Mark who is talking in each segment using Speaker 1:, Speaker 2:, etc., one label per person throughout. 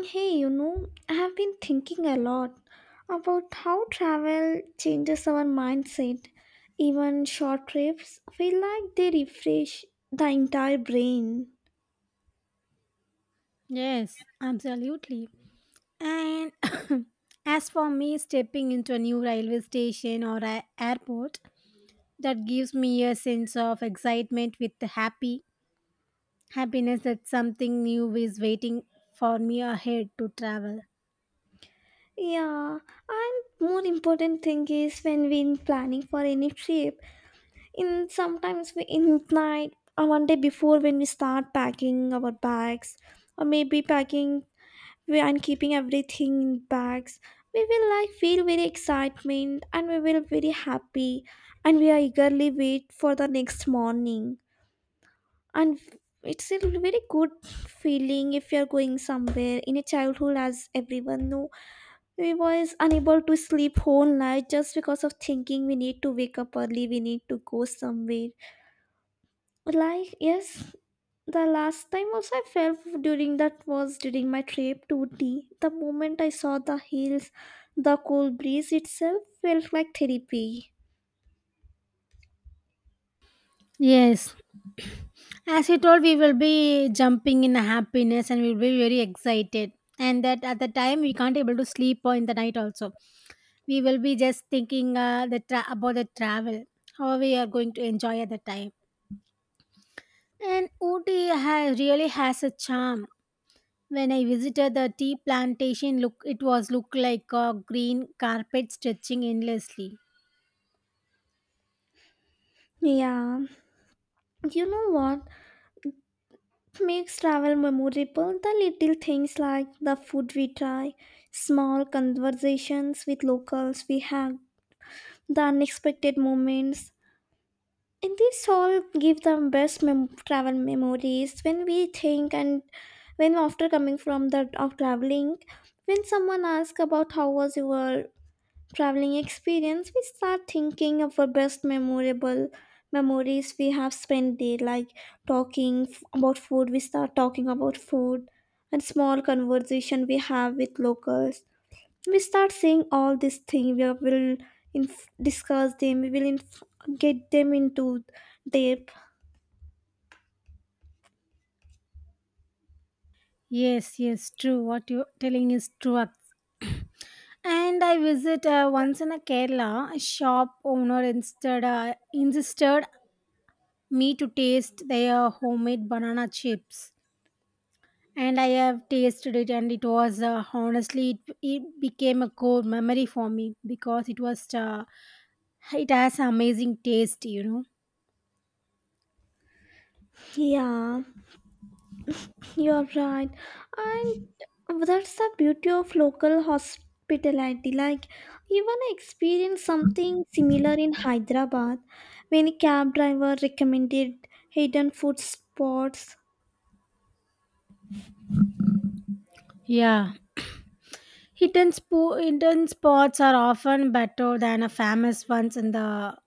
Speaker 1: Hey, you know, I have been thinking a lot about how travel changes our mindset. Even short trips feel like they refresh the entire brain.
Speaker 2: Yes, absolutely. And as for me, stepping into a new railway station or a airport, that gives me a sense of excitement with the happy happiness that something new is waiting for me ahead to travel.
Speaker 1: Yeah, and more important thing is when we're planning for any trip, in sometimes we in night or one day before when we start packing our bags or maybe packing we and keeping everything in bags we will like feel very excitement and we will very happy and we are eagerly wait for the next morning and it's a very good feeling if you're going somewhere in a childhood as everyone know we was unable to sleep whole night just because of thinking we need to wake up early we need to go somewhere like, yes, the last time also I fell during that was during my trip to Ooty. The moment I saw the hills, the cold breeze itself felt like therapy.
Speaker 2: Yes, as you told, we will be jumping in happiness and we'll be very excited. And that at the time we can't able to sleep or in the night also. We will be just thinking about the travel, how we are going to enjoy at the time. And Ooty really has a charm. When I visited the tea plantation, look it was look like a green carpet stretching endlessly.
Speaker 1: Yeah, you know what makes travel memorable? The little things like the food we try, small conversations with locals we have, the unexpected moments, and this all give the best travel memories when we think and when after coming from the of traveling when someone asks about how was your traveling experience we start thinking of our best memorable memories we have spent there like talking about food, we start talking about food and small conversation we have with locals. We start seeing all these things, we will discuss them, we will get them into depth.
Speaker 2: Yes, yes, true. What you're telling is true. And I visit once in a Kerala. A shop owner instead insisted me to taste their homemade banana chips, and I have tasted it, and it was honestly it became a core memory for me because it was. It has amazing taste, you know.
Speaker 1: Yeah, you're right. And that's the beauty of local hospitality, like even I experienced something similar in Hyderabad when a cab driver recommended hidden food spots.
Speaker 2: Yeah. Hidden spots are often better than a famous ones in the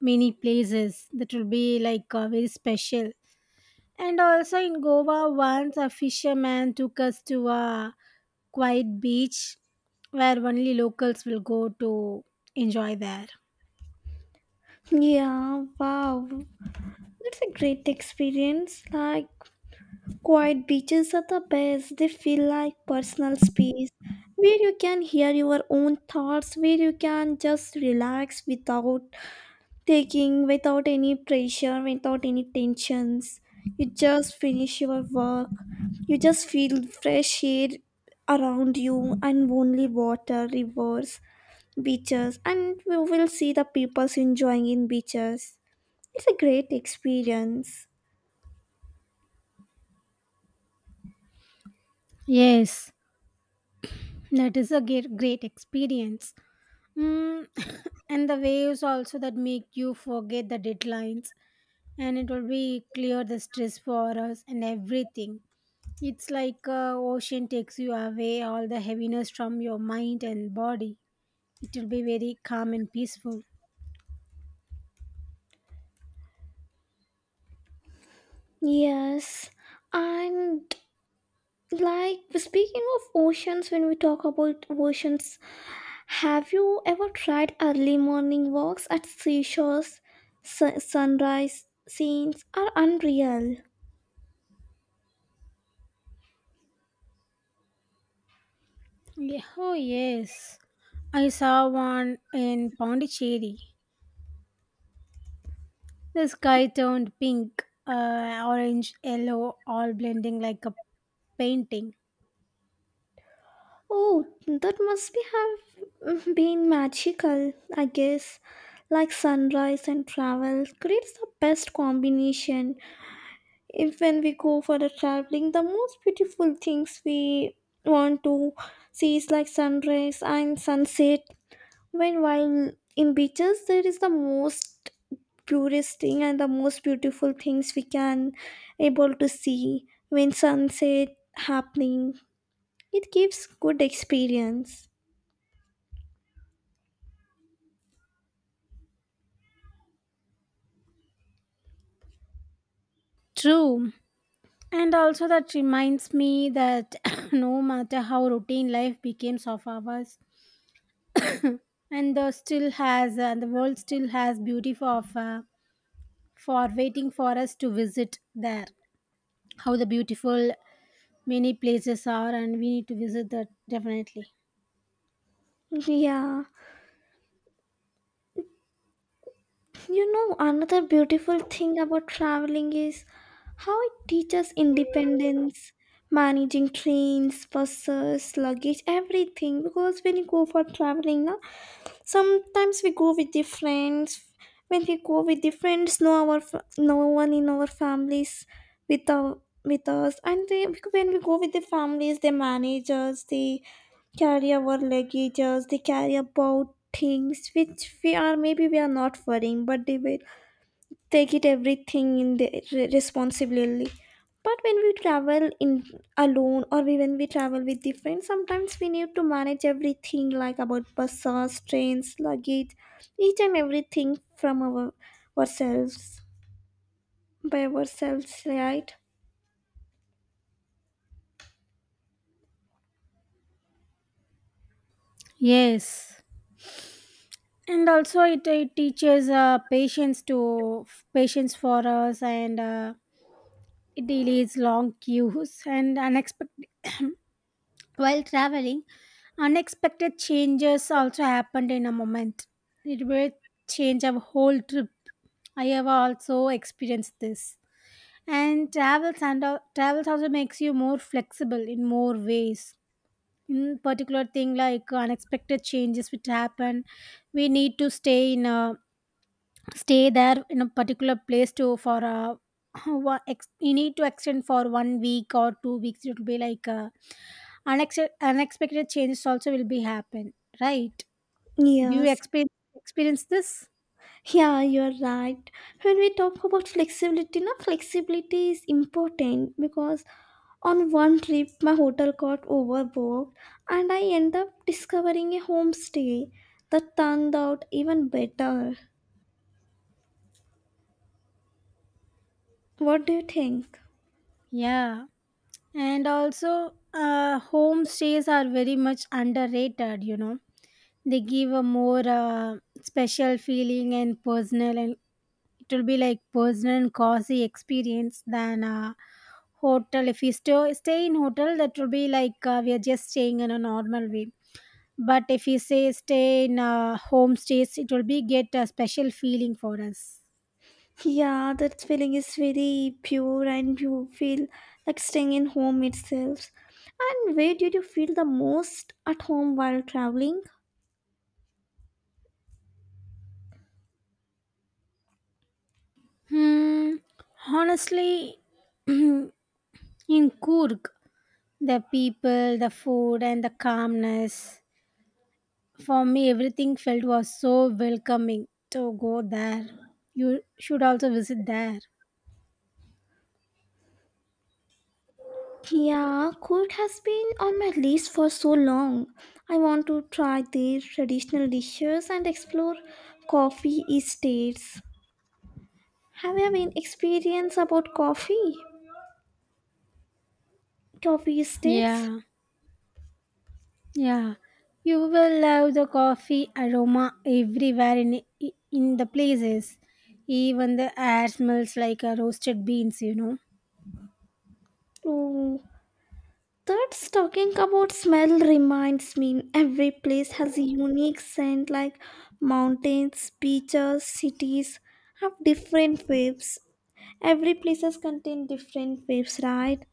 Speaker 2: many places that will be like very special. And also in Goa, once a fisherman took us to a quiet beach where only locals will go to enjoy there.
Speaker 1: Yeah, wow, that's a great experience. Like quiet beaches are the best. They feel like personal space where you can hear your own thoughts, where you can just relax without taking, without any pressure, without any tensions. You just finish your work. You just feel fresh air around you and only water, rivers, beaches, and you will see the people enjoying in beaches. It's a great experience.
Speaker 2: Yes, that is a great, great experience. Mm, and the waves also that make you forget the deadlines, and it will be clear the stress for us and everything. It's like ocean takes you away all the heaviness from your mind and body. It will be very calm and peaceful.
Speaker 1: Yes, and like speaking of oceans, when we talk about oceans, have you ever tried early morning walks at seashores? Sunrise scenes are unreal.
Speaker 2: Yeah. Oh yes, I saw one in Pondicherry. The sky turned pink, orange, yellow, all blending like a painting.
Speaker 1: Oh, that must be have been magical, I guess. Like sunrise and travel creates the best combination. If when we go for the traveling, the most beautiful things we want to see is like sunrise and sunset when while in beaches, there is the most purest thing and the most beautiful things we can able to see when sunset happening. It gives good experience.
Speaker 2: True. And also that reminds me that no matter how routine life becomes of ours, and the still has the world still has beauty for waiting for us to visit there. How the beautiful many places are, and we need to visit that definitely.
Speaker 1: Yeah, you know another beautiful thing about traveling is how it teaches independence, managing trains, buses, luggage, everything. Because when you go for traveling na, sometimes we go with the friends. When we go with the friends no, our no one in our families with our with us. And they, when we go with the families, they manage us, they carry our luggages, they carry about things which we are maybe we are not worrying, but they will take it everything in the responsibly. But when we travel in alone or when we travel with the friends, sometimes we need to manage everything like about buses, trains, luggage, each and everything from our ourselves, by ourselves, right?
Speaker 2: Yes, and also it teaches patience for us and it delays long queues and unexpected while traveling. Unexpected changes also happened in a moment. It will change our whole trip. I have also experienced this. And travels also makes you more flexible in more ways. In particular thing like unexpected changes which happen, we need to stay there in a particular place to for a you need to extend for one week or 2 weeks. It will be like unexpected changes also will be happen, right? Do you
Speaker 1: Yes.
Speaker 2: experience this?
Speaker 1: Yeah, you're right. When we talk about flexibility, no, flexibility is important because on one trip my hotel got overbooked and I end up discovering a homestay that turned out even better. What do you think?
Speaker 2: Yeah, and also home stays are very much underrated, you know. They give a more special feeling and personal, and it will be like personal and cozy experience than hotel. If we stay in hotel, that will be like we are just staying in a normal way. But if we say stay in home stays, it will be get a special feeling for us.
Speaker 1: Yeah, that feeling is very pure and you feel like staying in home itself. And where did you feel the most at home while traveling?
Speaker 2: Hmm, honestly, in Kurg, the people, the food, and the calmness, for me everything felt was so welcoming to go there. You should also visit there.
Speaker 1: Yeah, Kurt has been on my list for so long. I want to try their traditional dishes and explore coffee estates. Have you have any experience about coffee? Coffee estates?
Speaker 2: Yeah. Yeah, you will love the coffee aroma everywhere in the places. Even the air smells like a roasted beans, you know.
Speaker 1: Oh, that's talking about smell reminds me. Every place has a unique scent, like mountains, beaches, cities have different waves. Every places contain different waves, right?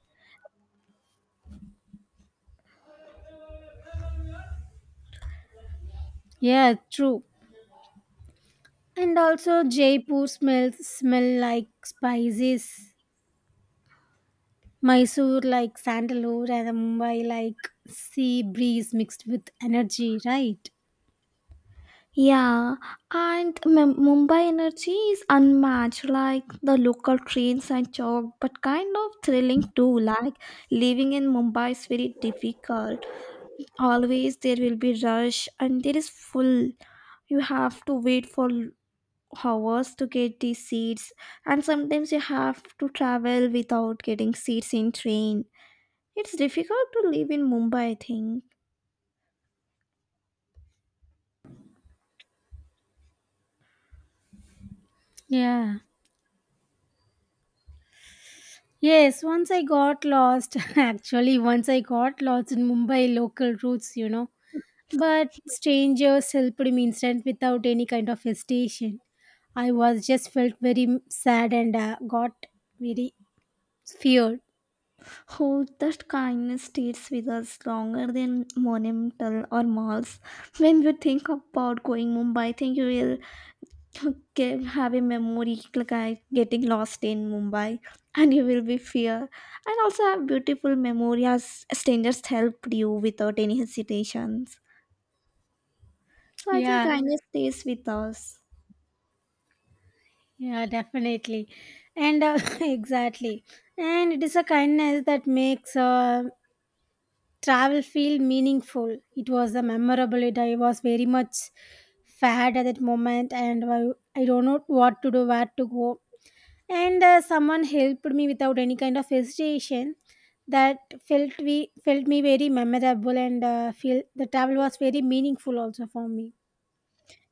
Speaker 2: Yeah, true. And also Jaipur smells smell like spices. Mysore like sandalwood and Mumbai like sea breeze mixed with energy, right?
Speaker 1: Yeah, and Mumbai energy is unmatched. Like the local trains and chalk, but kind of thrilling too. Like living in Mumbai is very difficult. Always there will be rush, and there is full. You have to wait for hours to get these seats, and sometimes you have to travel without getting seats in train. It's difficult to live in Mumbai, I think.
Speaker 2: Yeah. Yes, once I got lost. Actually, once I got lost in Mumbai local routes, you know. But strangers helped me instant without any kind of hesitation. I was just felt very sad and got very feared.
Speaker 1: How that kindness stays with us longer than monumental or malls. When you think about going Mumbai, I think you will have a memory like I getting lost in Mumbai, and you will be fear, and also have beautiful memory as strangers helped you without any hesitations. So I think
Speaker 2: Yeah,
Speaker 1: kindness stays with us.
Speaker 2: yeah, definitely, and exactly, and it is a kindness that makes travel feel meaningful. It was a memorable. It I was very much sad at that moment, and I don't know what to do, where to go. And someone helped me without any kind of hesitation that felt we felt me very memorable and feel the travel was very meaningful also for me.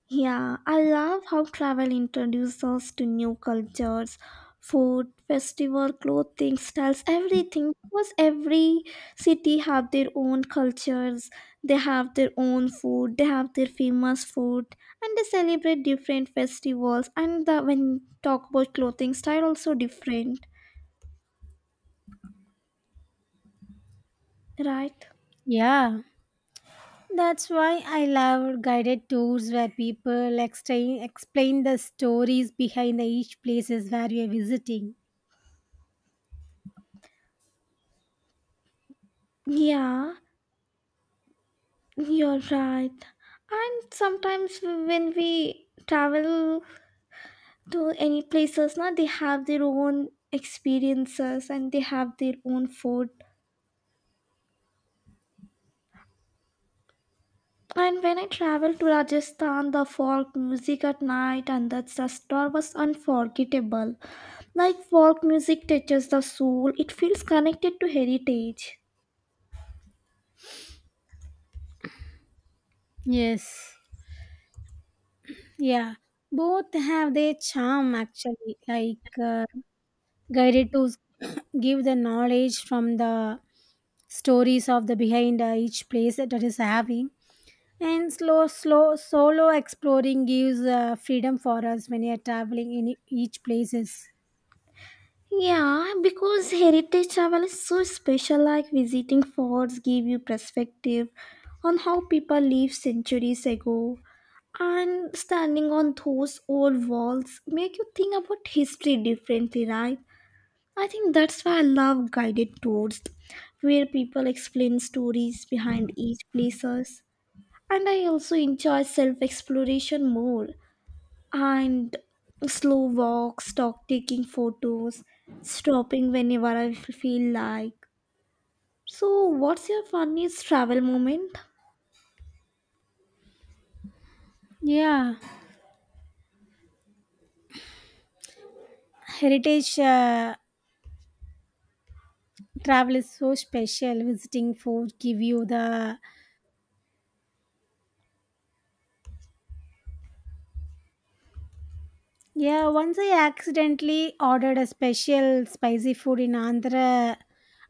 Speaker 1: Yeah, I love how travel introduces us to new cultures, food, festival, clothing, styles, everything. Because every city have their own cultures, they have their own food, they have their famous food, and they celebrate different festivals. And the, when talk about clothing style, also different, right?
Speaker 2: Yeah, that's why I love guided tours where people explain the stories behind the each places where we are visiting.
Speaker 1: Yeah, you're right. And sometimes when we travel to any places now, they have their own experiences and they have their own food. And when I traveled to Rajasthan, the folk music at night and that star was unforgettable. Like folk music touches the soul, it feels connected to heritage.
Speaker 2: Yes. Yeah, both have their charm actually, like guided to give the knowledge from the stories of the behind each place that it is having, and slow solo exploring gives freedom for us when you are traveling in each places.
Speaker 1: Yeah, because heritage travel is so special, like visiting forts give you perspective on how people lived centuries ago. And standing on those old walls make you think about history differently, right? I think that's why I love guided tours where people explain stories behind each places. And I also enjoy self-exploration more and slow walks, talk, taking photos, stopping whenever I feel like. So, what's your funniest travel moment?
Speaker 2: Yeah, heritage travel is so special visiting food give you the. Yeah, once I accidentally ordered a special spicy food in Andhra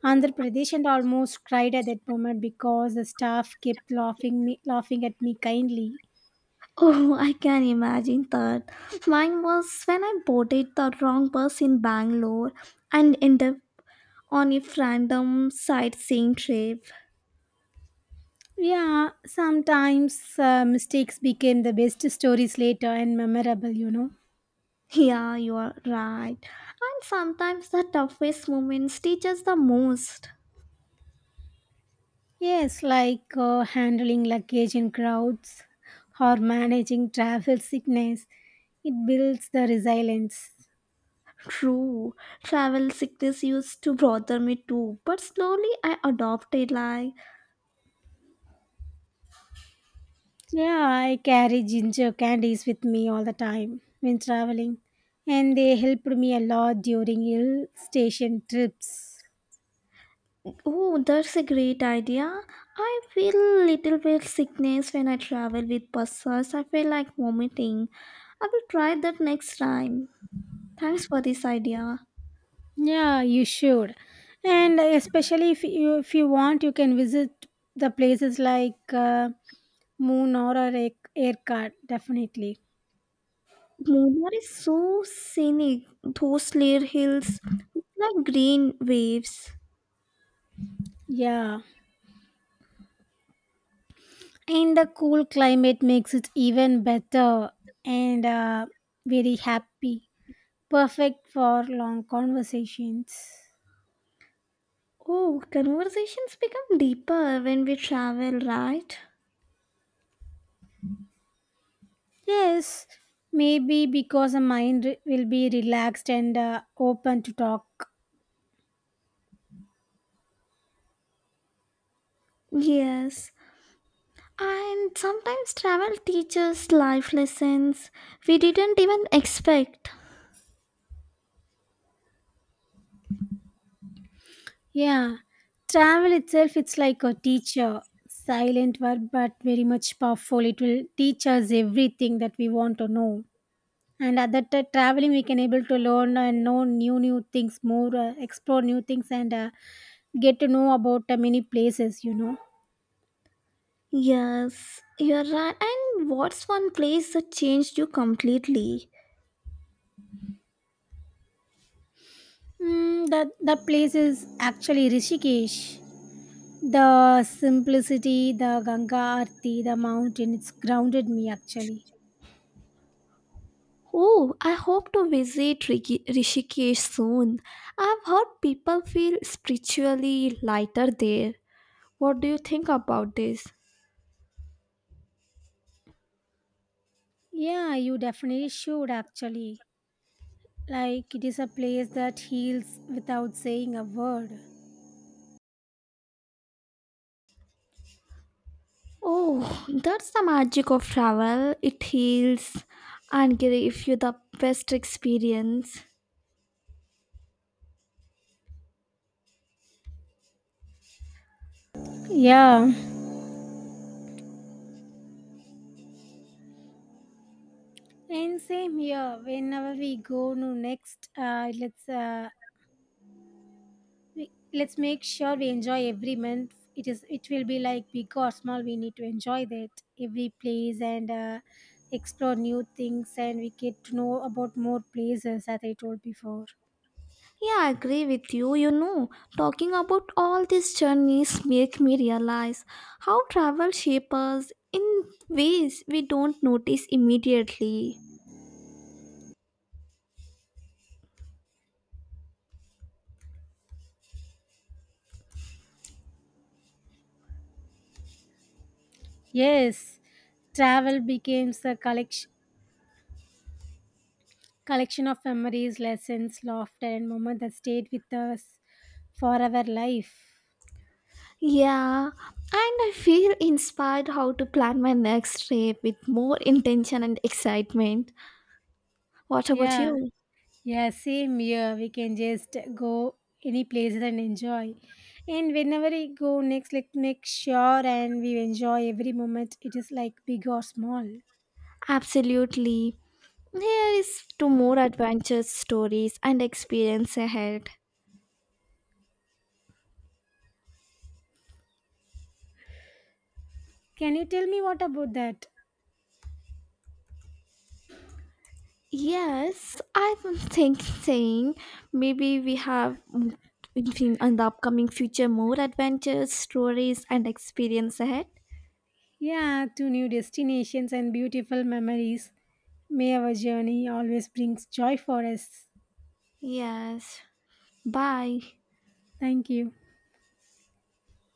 Speaker 2: Andhra Pradesh and almost cried at that moment because the staff kept laughing me laughing at me kindly.
Speaker 1: Oh, I can imagine that. Mine was when I boarded the wrong bus in Bangalore and ended up on a random sightseeing trip.
Speaker 2: Yeah, sometimes mistakes became the best stories later and memorable, you know.
Speaker 1: Yeah, you are right. And sometimes the toughest moments teach us the most.
Speaker 2: Yes, like handling luggage in crowds or managing travel sickness. It builds the resilience.
Speaker 1: True, travel sickness used to bother me too, but slowly I adopted like,
Speaker 2: Yeah, I carry ginger candies with me all the time when traveling, and they helped me a lot during hill station trips.
Speaker 1: oh, that's a great idea. I feel little bit sickness when I travel with buses. I feel like vomiting. I will try that next time. Thanks for this idea.
Speaker 2: Yeah, you should. And especially if you want, you can visit the places like Moon or Aircard, definitely.
Speaker 1: Munnar is so scenic. Those layer hills look like green waves.
Speaker 2: Yeah, and the cool climate makes it even better and very happy. Perfect for long conversations.
Speaker 1: Oh, conversations become deeper when we travel, right?
Speaker 2: Yes, maybe because the mind will be relaxed and open to talk.
Speaker 1: Yes. And sometimes travel teaches life lessons we didn't even expect.
Speaker 2: Yeah, travel itself, it's like a teacher. Silent word, but very much powerful. It will teach us everything that we want to know. And at that traveling, we can able to learn and know new things, more explore new things, and get to know about many places. You know,
Speaker 1: Yes, you're right. And what's one place that changed you completely?
Speaker 2: mm, that place is actually Rishikesh. The simplicity, the Ganga Aarti, the mountain, it's grounded me actually.
Speaker 1: Oh, I hope to visit Rishikesh soon. I've heard people feel spiritually lighter there. What do you think about this?
Speaker 2: Yeah, you definitely should actually. Like, it is a place that heals without saying a word.
Speaker 1: Oh, that's the magic of travel. It heals and gives you the best experience.
Speaker 2: Yeah. And same here. Whenever we go to next, let's let's make sure we enjoy every month. It is it will be like big or small, we need to enjoy that every place, and explore new things, and we get to know about more places as I told before.
Speaker 1: Yeah, I agree with you. You know, talking about all these journeys make me realize how travel shapes us in ways we don't notice immediately.
Speaker 2: Yes, travel becomes a collection of memories, lessons, laughter, and moments that stayed with us for our life.
Speaker 1: Yeah, and I feel inspired how to plan my next trip with more intention and excitement. What about
Speaker 2: Yeah.
Speaker 1: you?
Speaker 2: Yeah, same here. We can just go any places and enjoy. And whenever we go next, like make sure and we enjoy every moment. It is like big or small.
Speaker 1: Absolutely. Here is to more adventures, stories, and experience ahead.
Speaker 2: Can you tell me what about that?
Speaker 1: Yes, I've been maybe we have in the upcoming future more adventures, stories, and experience ahead.
Speaker 2: Yeah, to new destinations and beautiful memories. May our journey always brings joy for us.
Speaker 1: Yes. Bye.
Speaker 2: Thank you.